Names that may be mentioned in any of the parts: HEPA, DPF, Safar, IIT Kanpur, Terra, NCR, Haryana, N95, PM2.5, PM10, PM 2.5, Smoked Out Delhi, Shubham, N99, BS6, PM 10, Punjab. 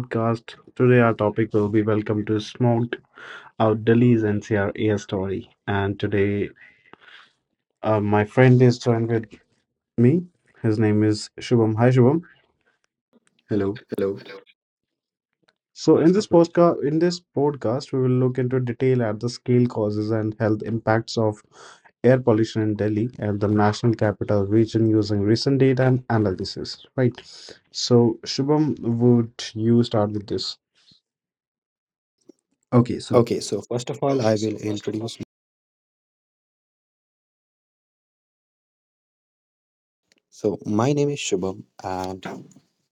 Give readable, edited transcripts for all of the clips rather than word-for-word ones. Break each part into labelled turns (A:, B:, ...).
A: podcast. Today our topic will be welcome to Smoked Out Delhi's NCR air story. And today my friend is joined with me. His name is Shubham. Hi Shubham. Hello.
B: Hello.
A: So in this podcast we will look into detail at the scale, causes and health impacts of air pollution in Delhi and the national capital region using recent data and analysis. Right. So Shubham, would you start with this? Okay, so
B: Okay, so first of all, I will introduce. So my name is Shubham, and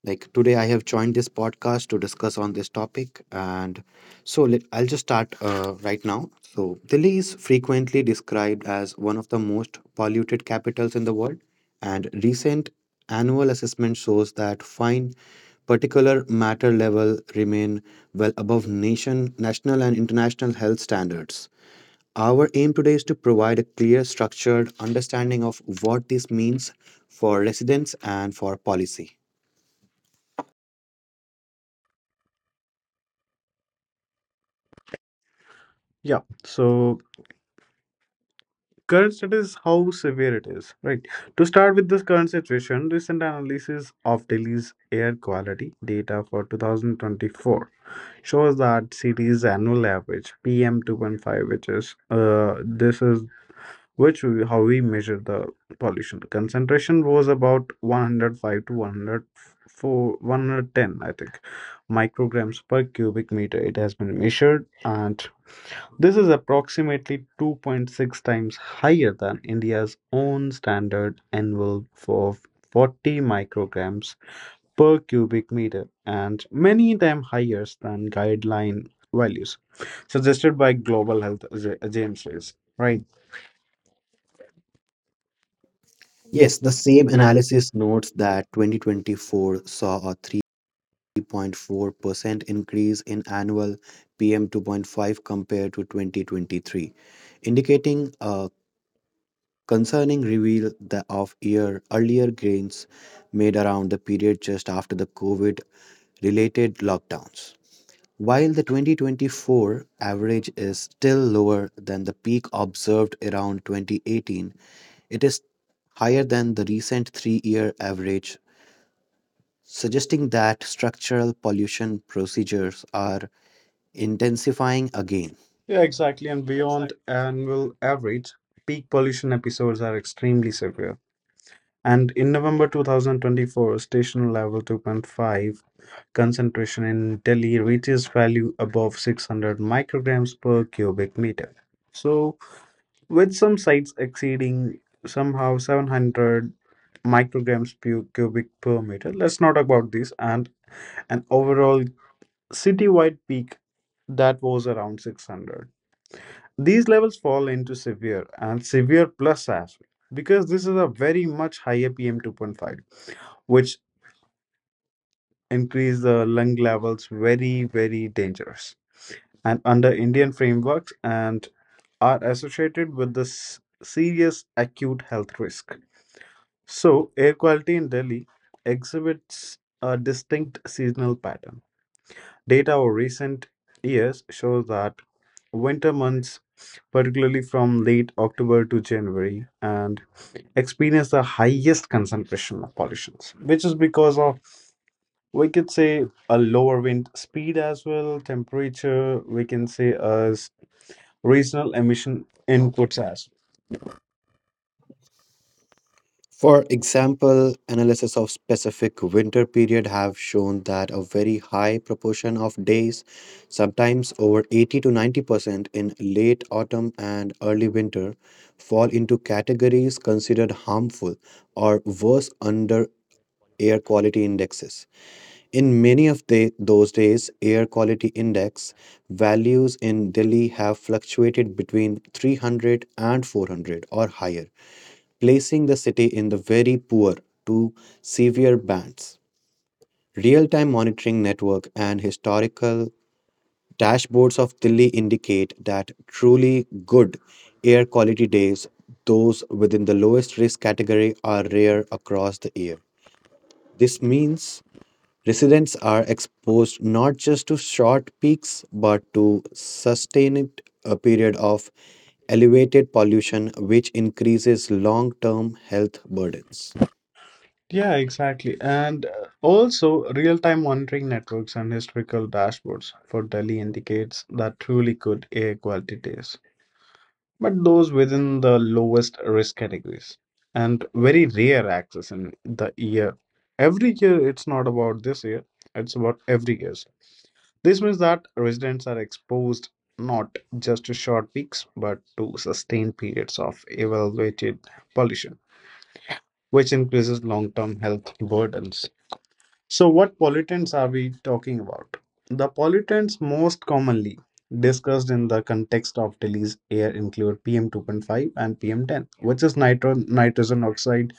B: like today, I have joined this podcast to discuss on this topic. And so I'll just start right now. So Delhi is frequently described as one of the most polluted capitals in the world, and recent annual assessment shows that fine particular matter level remain well above national and international health standards. Our aim today is to provide a clear, structured understanding of what this means for residents and for policy.
A: yeah, so current state is how severe it is, right? To start with this current situation, recent analysis of Delhi's air quality data for 2024 shows that city's annual average PM 2.5, which is this is which we, how we measure the pollution concentration was about 105 to 104 110 I think micrograms per cubic meter it has been measured, and this is approximately 2.6 times higher than India's own standard envelope of 40 micrograms per cubic meter and many times higher than guideline values suggested by Global Health Agencies. Right.
B: Yes, the same analysis notes that 2024 saw a 3.4% increase in annual PM2.5 compared to 2023, indicating a concerning reveal that of year earlier gains made around the period just after the COVID related lockdowns. While the 2024 average is still lower than the peak observed around 2018, it is higher than the recent 3-year average, suggesting that structural pollution procedures are intensifying again.
A: Yeah, exactly. And beyond annual average, peak pollution episodes are extremely severe. And in November 2024, station level 2.5 concentration in Delhi reaches value above 600 micrograms per cubic meter. So, with some sites exceeding somehow 700 micrograms per cubic per meter, let's not talk about this, and an overall citywide peak that was around 600. These levels fall into severe and severe plus as well, because this is a very much higher PM2.5 which increase the lung levels, very very dangerous, and under Indian frameworks and are associated with this serious acute health risk. So air quality in Delhi exhibits a distinct seasonal pattern. Data over recent years shows that winter months, particularly from late October to January, and experience the highest concentration of pollutions, which is because of, we could say, a lower wind speed as well, temperature, we can say, as regional emission inputs as well.
B: For example, analysis of specific winter period have shown that a very high proportion of days, sometimes over 80 to 90% in late autumn and early winter, fall into categories considered harmful or worse under air quality indexes. In many of those days, air quality index values in Delhi have fluctuated between 300 and 400 or higher, placing the city in the very poor to severe bands. Real time monitoring network and historical dashboards of Delhi indicate that truly good air quality days, those within the lowest risk category, are rare across the year. This means residents are exposed not just to short peaks but to sustained period of elevated pollution which increases long-term health burdens.
A: Yeah, exactly. And also real-time monitoring networks and historical dashboards for Delhi indicates that truly good air quality days, but those within the lowest risk categories, and very rare access in the year. Every year, it's not about this year, it's about every year. This means that residents are exposed not just to short peaks but to sustained periods of elevated pollution, which increases long term health burdens. So, what pollutants are we talking about? The pollutants most commonly discussed in the context of Delhi's air include PM2.5 and PM10, which is nitrogen oxide,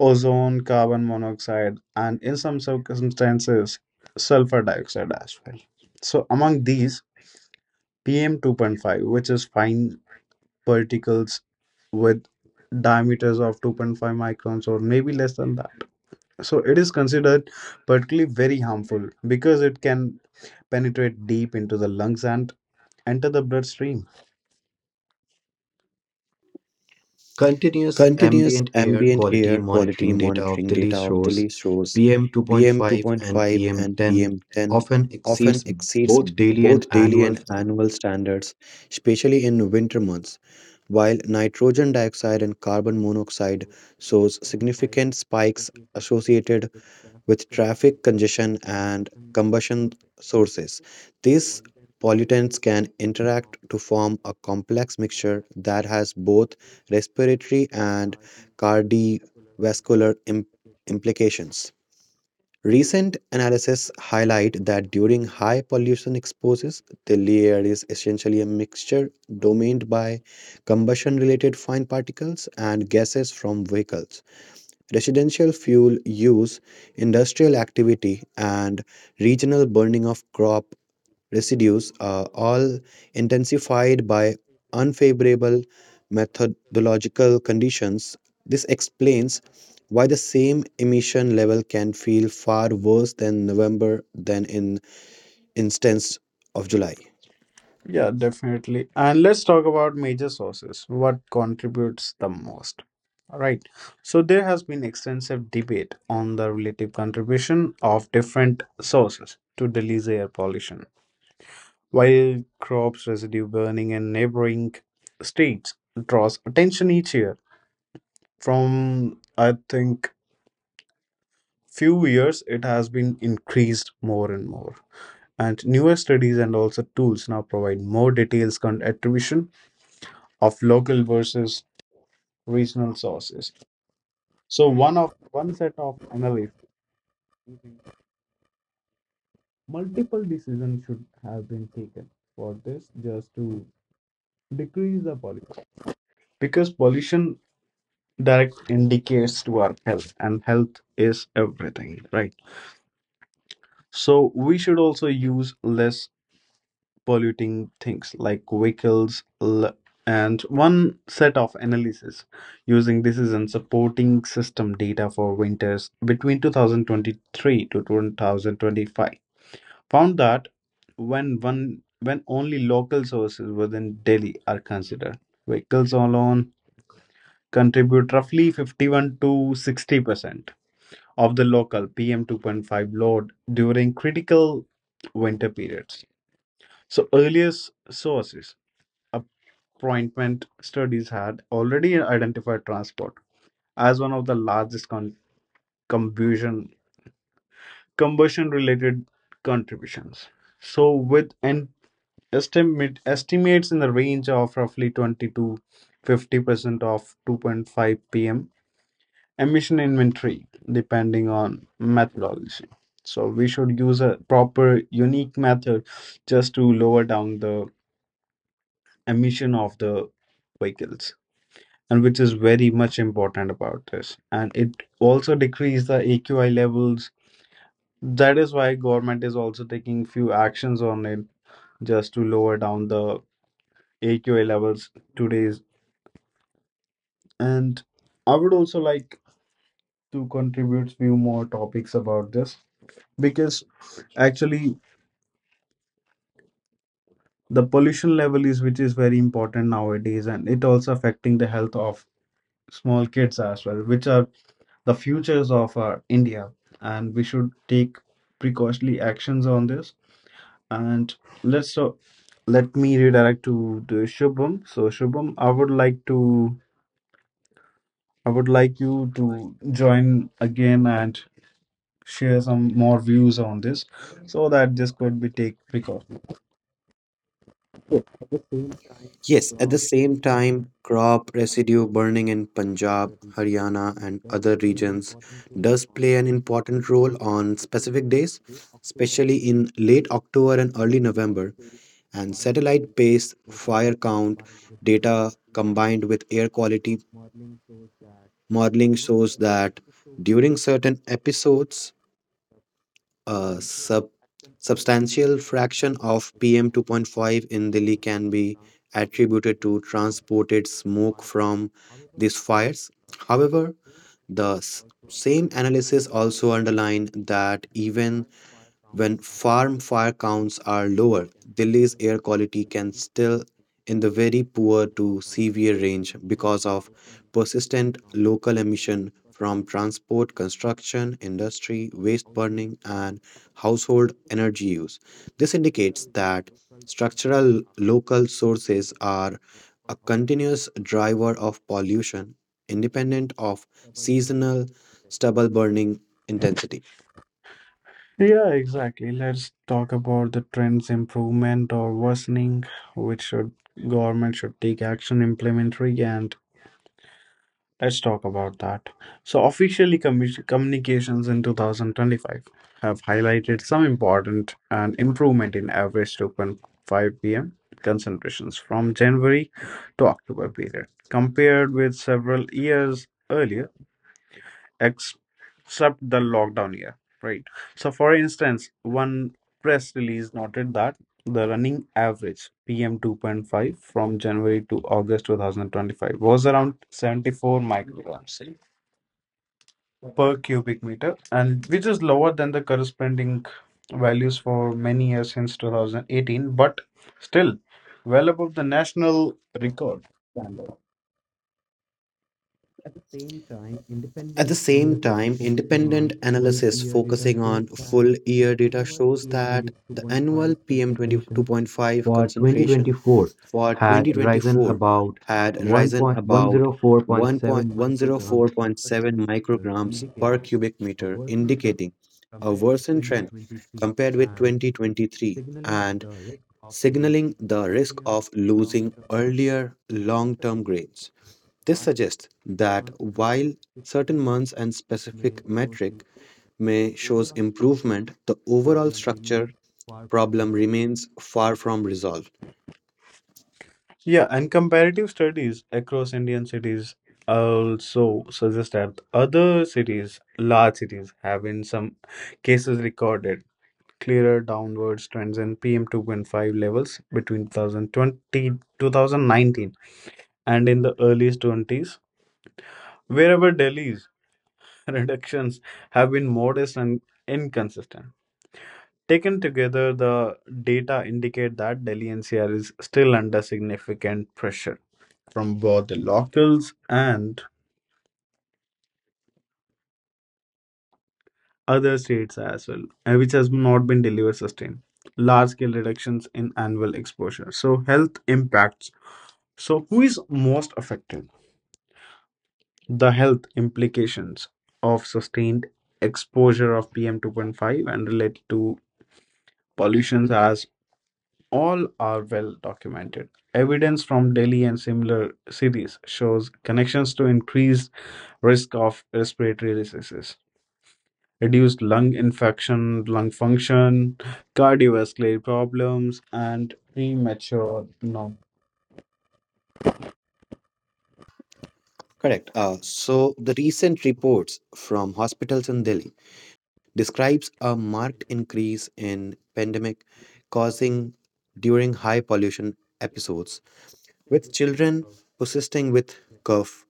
A: ozone, carbon monoxide, and in some circumstances, sulfur dioxide as well. So, among these, PM2.5, which is fine particles with diameters of 2.5 microns or maybe less than that. So it is considered particularly very harmful because it can penetrate deep into the lungs and enter the bloodstream.
B: Continuous ambient air quality monitoring data of Delhi shows PM 2.5 and PM 10 often exceeds both daily and annual standards, especially in winter months, while nitrogen dioxide and carbon monoxide shows significant spikes associated with traffic congestion and combustion sources. These pollutants can interact to form a complex mixture that has both respiratory and cardiovascular implications. Recent analysis highlight that during high pollution exposures, the layer is essentially a mixture dominated by combustion-related fine particles and gases from vehicles, residential fuel use, industrial activity, and regional burning of crop residues are all intensified by unfavorable methodological conditions. This explains why the same emission level can feel far worse than November than in instance of July.
A: Yeah, definitely. And let's talk about major sources. What contributes the most? All right. So there has been extensive debate on the relative contribution of different sources to Delhi's air pollution. Wild crops residue burning in neighboring states draws attention each year. From I think few years it has been increased more and more. And newer studies and also tools now provide more details on attribution of local versus regional sources. So one set of analysis, multiple decisions should have been taken for this just to decrease the pollution, because pollution direct indicates to our health and health is everything, right? So we should also use less polluting things like vehicles, and one set of analysis using this is in supporting system data for winters between 2023 to 2025 found that when only local sources within Delhi are considered, vehicles alone contribute roughly 51 to 60% of the local PM 2.5 load during critical winter periods. So, earlier sources, appointment studies had already identified transport as one of the largest combustion combustion related contributions. So, with an estimate estimates in the range of roughly 20 to 50% of 2.5 pm emission inventory depending on methodology. So we should use a proper unique method just to lower down the emission of the vehicles, and which is very much important about this, and it also decrease the AQI levels. That is why government is also taking few actions on it just to lower down the AQI levels today's. And I would also like to contribute few more topics about this, because actually the pollution level is which is very important nowadays, and it also affecting the health of small kids as well, which are the futures of our India, and we should take precautionary actions on this. And let's so let me redirect to the Shubham. So Shubham, I would like to I would like you to join again and share some more views on this, so that this could be take precaution.
B: Yes, at the same time, crop residue burning in Punjab, Haryana, and other regions does play an important role on specific days, especially in late October and early November. And satellite pace, fire count data combined with air quality modeling shows that during certain episodes, a substantial fraction of PM 2.5 in Delhi can be attributed to transported smoke from these fires. However, the same analysis also underlined that even when farm fire counts are lower, Delhi's air quality can still in the very poor to severe range because of persistent local emission from transport, construction, industry, waste burning, and household energy use. This indicates that structural local sources are a continuous driver of pollution independent of seasonal stubble burning intensity.
A: Yeah, exactly. Let's talk about the trends improvement or worsening, which should government should take action implementary, and let's talk about that. So officially communications in 2025 have highlighted some important and improvement in average 2.5 pm concentrations from January to October period compared with several years earlier except the lockdown year, right? So, for instance, one press release noted that the running average PM 2.5 from January to August 2025 was around 74 micrograms per cubic meter, and which is lower than the corresponding values for many years since 2018, but still well above the national record standard.
B: At the same time, independent analysis focusing on full year data shows that the annual PM22.5 concentration for 2024 had risen about 1.104.7 micrograms per cubic meter, indicating a worsened trend compared with 2023 and signaling the risk of losing earlier long term gains. This suggests that while certain months and specific metric may shows improvement, the overall structure problem remains far from resolved.
A: Yeah, and comparative studies across Indian cities also suggest that other cities, large cities, have in some cases recorded clearer downwards trends in PM 2.5 levels between 2020 and in the early 20s, wherever Delhi's reductions have been modest and inconsistent. Taken together, the data indicate that Delhi NCR is still under significant pressure from both the locals and other states as well, and which has not been delivered sustained. Large scale reductions in annual exposure. So, health impacts. So, who is most affected? The health implications of sustained exposure of PM 2.5 and related to pollutions, as all are well documented. Evidence from Delhi and similar cities shows connections to increased risk of respiratory diseases, reduced lung infection, lung function, cardiovascular problems, and premature no.
B: Correct. So the recent reports from hospitals in Delhi describes a marked increase in pandemic causing during high pollution episodes with children persisting with cough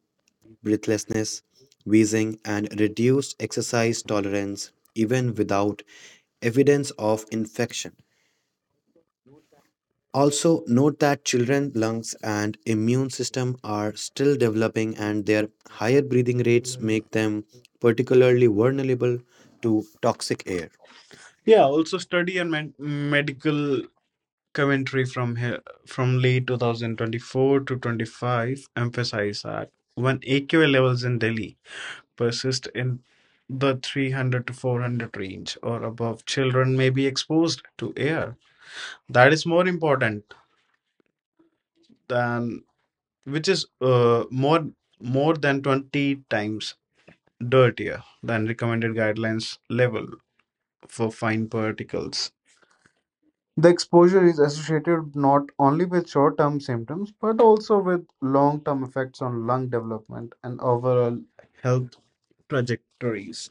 B: breathlessness, wheezing, and reduced exercise tolerance, even without evidence of infection. Also, note that children's lungs and immune system are still developing, and their higher breathing rates make them particularly vulnerable to toxic air.
A: Yeah, also study and medical commentary from here from late 2024 to 25 emphasize that when AQA levels in Delhi persist in the 300 to 400 range or above, children may be exposed to air that is more important than, which is more than 20 times dirtier than recommended guidelines level for fine particles. The exposure is associated not only with short term symptoms but also with long term effects on lung development and overall health trajectories.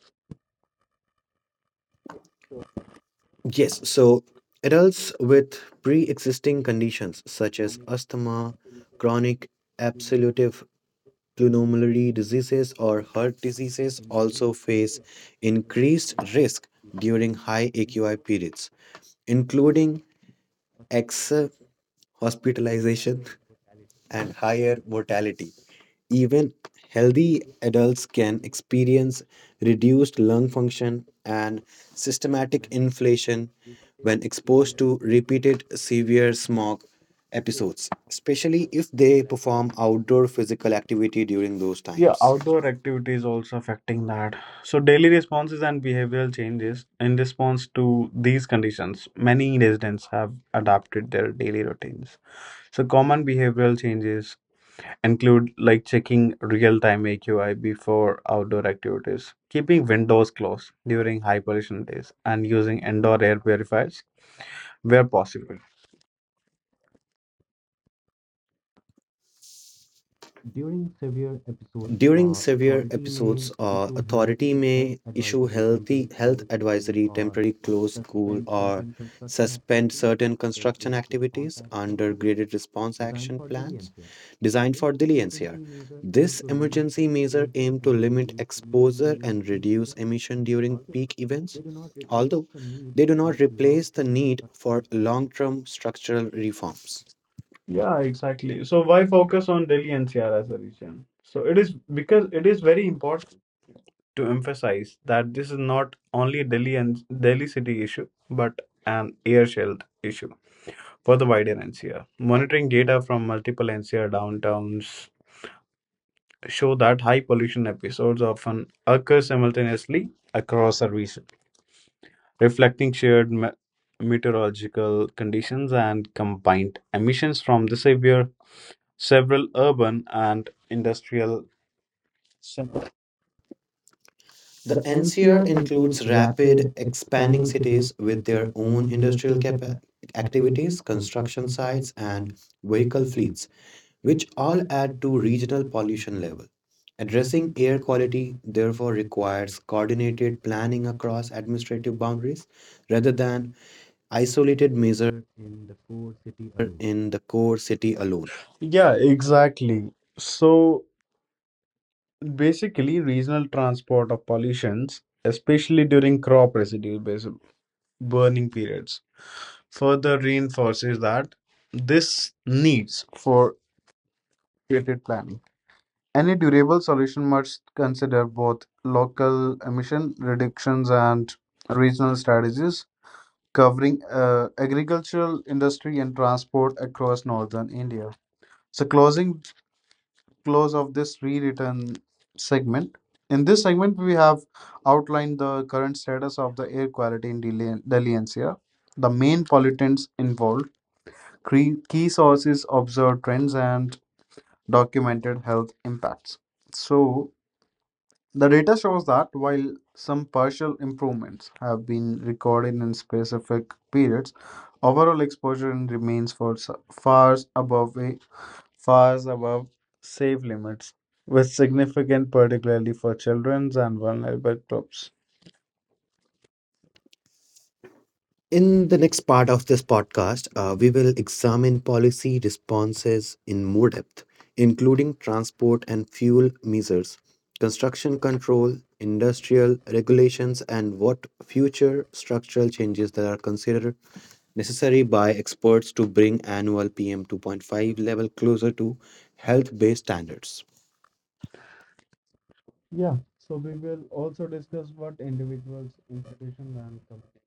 B: Yes, so adults with pre existing conditions such as asthma, chronic absolutive pulmonary diseases or heart diseases also face increased risk during high AQI periods, including excess hospitalization and higher mortality. Even healthy adults can experience reduced lung function and systematic inflation when exposed to repeated severe smog episodes, especially if they perform outdoor physical activity during those
A: Yeah,
B: times.
A: outdoor activities also affecting that. So, daily responses and behavioral changes in response to these conditions, many residents have adapted their daily routines. So, common behavioral changes include like checking real-time AQI before outdoor activities, keeping windows closed during high pollution days, and using indoor air purifiers where possible.
B: During severe episodes, authority may issue health advisory, temporary close school, or suspend certain construction activities under graded response action plans designed for deliance here. This emergency measure aim to limit exposure and reduce emission during peak events, although they do not replace the need for long-term structural reforms.
A: Yeah, exactly. So why focus on Delhi NCR as a region? So it is because it is very important to emphasize that this is not only Delhi and Delhi city issue, but an air shield issue for the wider NCR. Monitoring data from multiple NCR downtowns show that high pollution episodes often occur simultaneously across a region, reflecting shared meteorological conditions and combined emissions from the severe several urban and industrial centers.
B: The NCR includes rapid expanding cities with their own industrial activities, construction sites, and vehicle fleets, which all add to regional pollution level. Addressing air quality therefore requires coordinated planning across administrative boundaries rather than isolated measure in the core city alone.
A: Yeah, exactly. So basically, regional transport of pollutions, especially during crop residue based burning periods, further reinforces that this needs for created planning. Any durable solution must consider both local emission reductions and regional strategies, covering agricultural, industry, and transport across northern India. So, closing close of this rewritten segment. In this segment, we have outlined the current status of the air quality in Delhi NCR, the main pollutants involved, key sources, observed trends, and documented health impacts. So, the data shows that while some partial improvements have been recorded in specific periods, overall exposure remains for far above safe limits, with significant particularly for children and vulnerable groups.
B: In the next part of this podcast, we will examine policy responses in more depth, including transport and fuel measures, construction control, industrial regulations, and what future structural changes that are considered necessary by experts to bring annual PM 2.5 level closer to health based standards.
A: Yeah, so we will also discuss what individuals, institutions, and communities.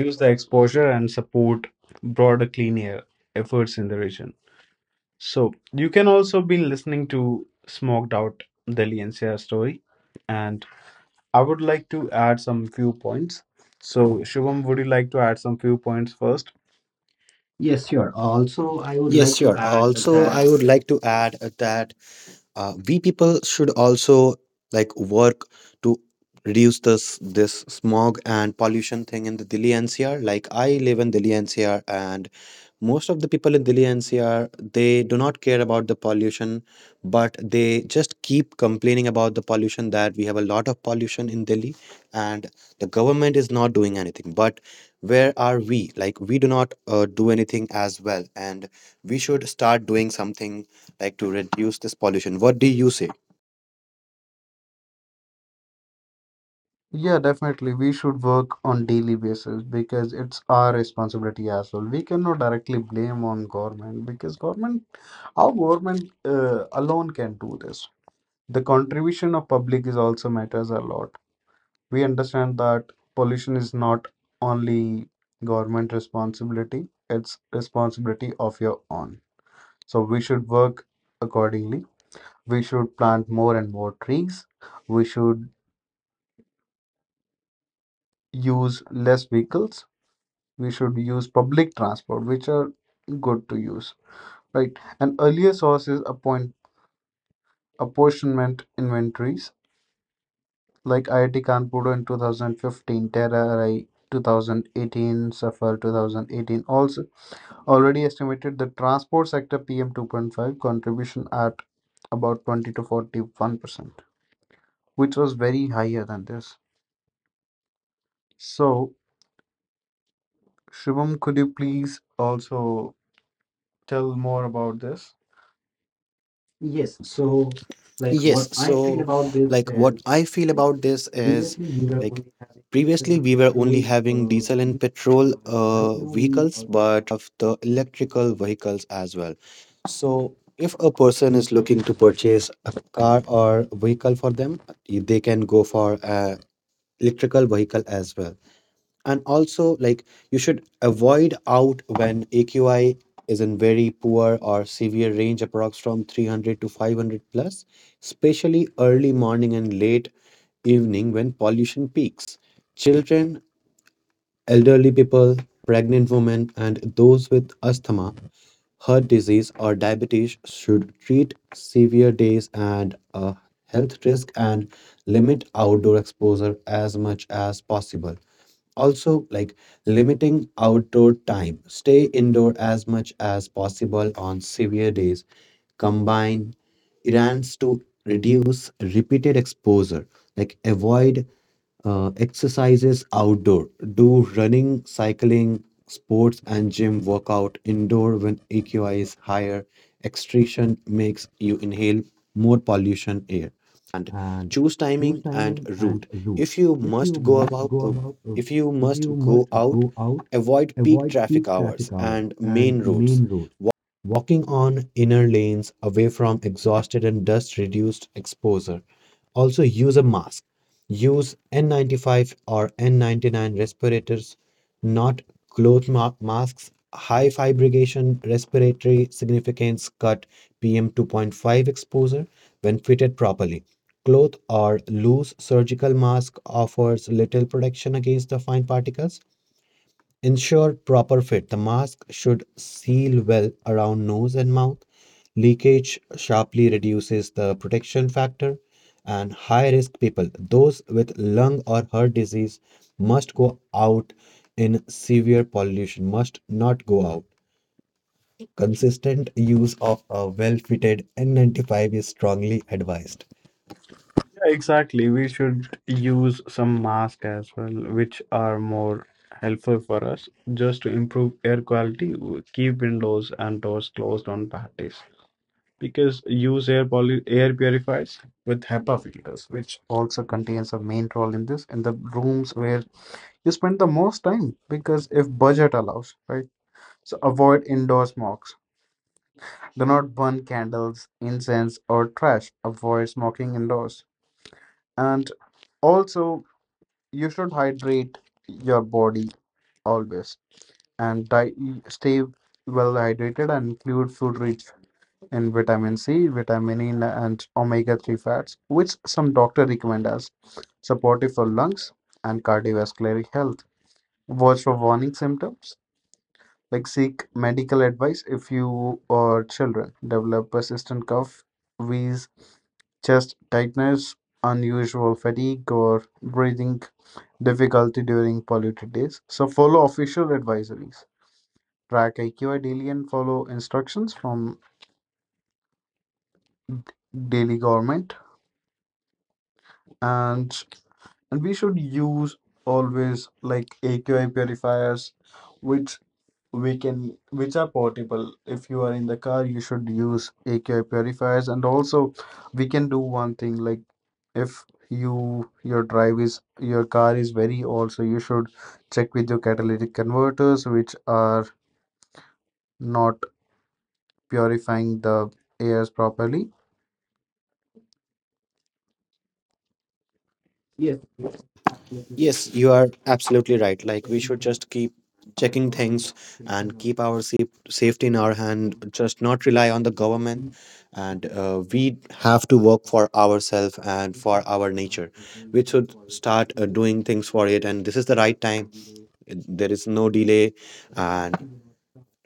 A: Use the exposure and support broader clean air efforts in the region. So you can also be listening to Smoked Out Delhi NCR story, and I would like to add some few points. So Shubham, would you like to add some few points first?
B: Yes, sure. Also, I would like to add that we people should also like work to reduce this smog and pollution thing in the Delhi NCR. Like I live in Delhi NCR and most of the people in Delhi NCR they do not care about the pollution, but they just keep complaining about the pollution that we have a lot of pollution in Delhi and the government is not doing anything. But where are we? Like we do not do anything as well, and we should start doing something like to reduce this pollution. What do you say?
A: Yeah, definitely. We should work on daily basis because it's our responsibility as well. We cannot directly blame on government, because government, how government alone can do this. The contribution of public is also matters a lot. We understand that pollution is not only government responsibility, it's responsibility of your own. So we should work accordingly. We should plant more and more trees, we should use less vehicles, we should use public transport, which are good to use, right? And earlier sources appoint apportionment inventories like IIT Kanpur in 2015, Terra 2018, Safar 2018 also already estimated the transport sector PM 2.5 contribution at about 20 to 41%, which was very higher than this. So, Shubham, could you please also tell more about this?
B: Yes. So, like, what I feel about this is like previously we were only having diesel and petrol vehicles, but right now we also have the electrical vehicles as well. So, if a person is looking to purchase a car or vehicle for them, they can go for a electrical vehicle as well. And also, like, you should avoid out when AQI is in very poor or severe range, approx from 300 to 500 plus, especially early morning and late evening when pollution peaks. Children, elderly people, pregnant women, and those with asthma, heart disease, or diabetes should treat severe days and a health risk and limit outdoor exposure as much as possible. Also, like limiting outdoor time, stay indoor as much as possible on severe days, combine errands to reduce repeated exposure, like avoid exercises outdoor, do running, cycling, sports, and gym workout indoor when AQI is higher. Extraction makes you inhale more pollution air choose timing and route. If you must go about, if you must go out, avoid peak traffic hours and main roads. Walking on inner lanes away from exhausted and dust reduced exposure. Also use a mask. Use N95 or N99 respirators not cloth masks. High fabrication respiratory significance cut PM 2.5 exposure when fitted properly. Cloth or loose surgical mask offers little protection against the fine particles. Ensure proper fit. The mask should seal well around nose and mouth. Leakage sharply reduces the protection factor. And high risk people, those with lung or heart disease, must go out in severe pollution, must not go out. Consistent use of a well fitted N95 is strongly advised.
A: Yeah, exactly. We should use some masks as well, which are more helpful for us just to improve air quality. Keep windows and doors closed on parties, because use air purifiers with HEPA filters, which also contains a main role in this, in the rooms where you spend the most time, because if budget allows, right? So avoid indoor smokes. Do not burn candles, incense, or trash. Avoid smoking indoors. And also, you should hydrate your body always and stay well hydrated and include food rich in vitamin C, vitamin E, and omega 3 fats, which some doctor recommend as supportive for lungs and cardiovascular health. Watch for warning symptoms. Like seek medical advice if you or children develop persistent cough, wheeze, chest tightness, unusual fatigue, or breathing difficulty during polluted days. So, follow official advisories. Track IQ daily and follow instructions from daily government. And and we should use always like AQI purifiers which we can, which are portable. If you are in the car you should use AQI purifiers, and also we can do one thing, like if you your drive is your car is very old, so you should check with your catalytic converters which are not purifying the airs properly.
B: Yes, you are absolutely right. Like we should just keep checking things and keep our safety in our hand, just not rely on the government. And we have to work for ourselves and for our nature. We should start doing things for it. And this is the right time. There is no delay. And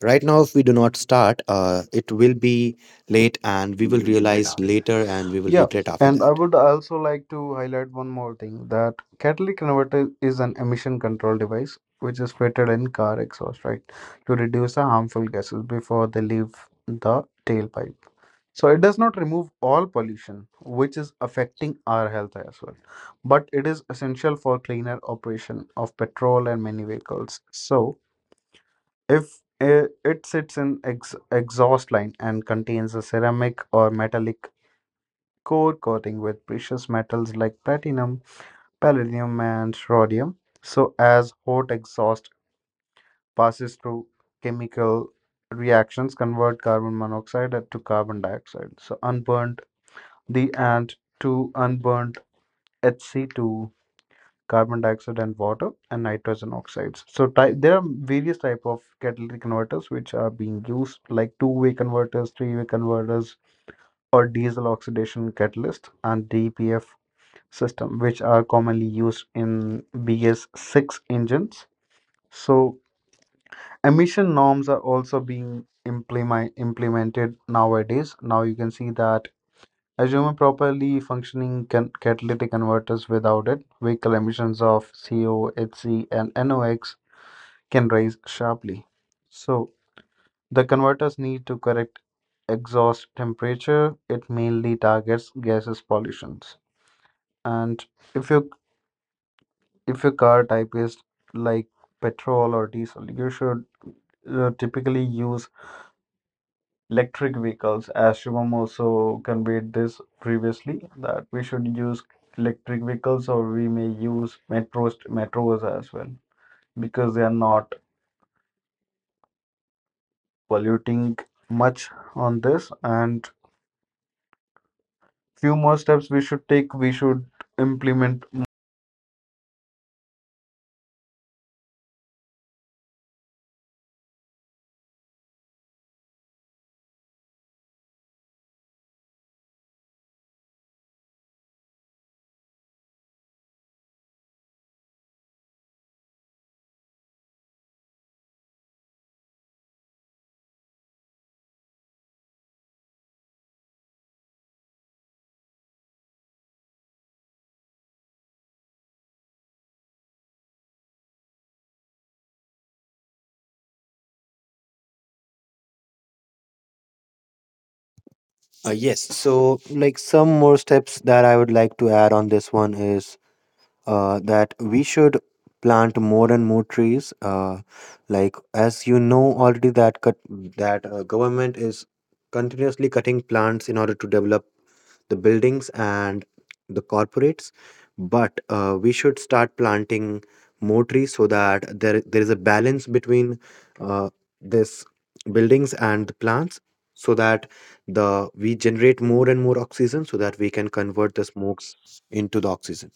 B: right now, if we do not start, it will be late and we will realize later and we will
A: Yeah,
B: regret after
A: and I
B: that.
A: would also like to highlight one more thing, that catalytic converter is an emission control device which is fitted in car exhaust, right, to reduce the harmful gases before they leave the tailpipe. So it does not remove all pollution, which is affecting our health as well, but it is essential for cleaner operation of petrol and many vehicles. So if it sits in exhaust line and contains a ceramic or metallic core coating with precious metals like platinum, palladium, and rhodium. So, as hot exhaust passes through chemical reactions, convert carbon monoxide to carbon dioxide. So, unburned the and to unburned HC2 carbon dioxide and water and nitrogen oxides. So there are various type of catalytic converters which are being used, like two-way converters, three-way converters or diesel oxidation catalyst and DPF system, which are commonly used in BS6 engines. So emission norms are also being implemented nowadays. Now you can see that assuming properly functioning catalytic converters, without it, vehicle emissions of CO, HC, and NOx can rise sharply. So the converters need to correct exhaust temperature. It mainly targets gases pollutions. And if you, if your car type is like petrol or diesel, you should typically use electric vehicles. As Shivam also conveyed this previously, that we should use electric vehicles, or we may use metros, as well, because they are not polluting much on this. And few more steps we should take, we should implement
B: Yes. So, like some more steps that I would like to add on this one is that we should plant more and more trees. Like as you know already, that cut that government is continuously cutting plants in order to develop the buildings and the corporates but we should start planting more trees so that there is a balance between uh, this buildings and the plants so that the we generate more and more oxygen so that we can convert the smokes into the oxygen.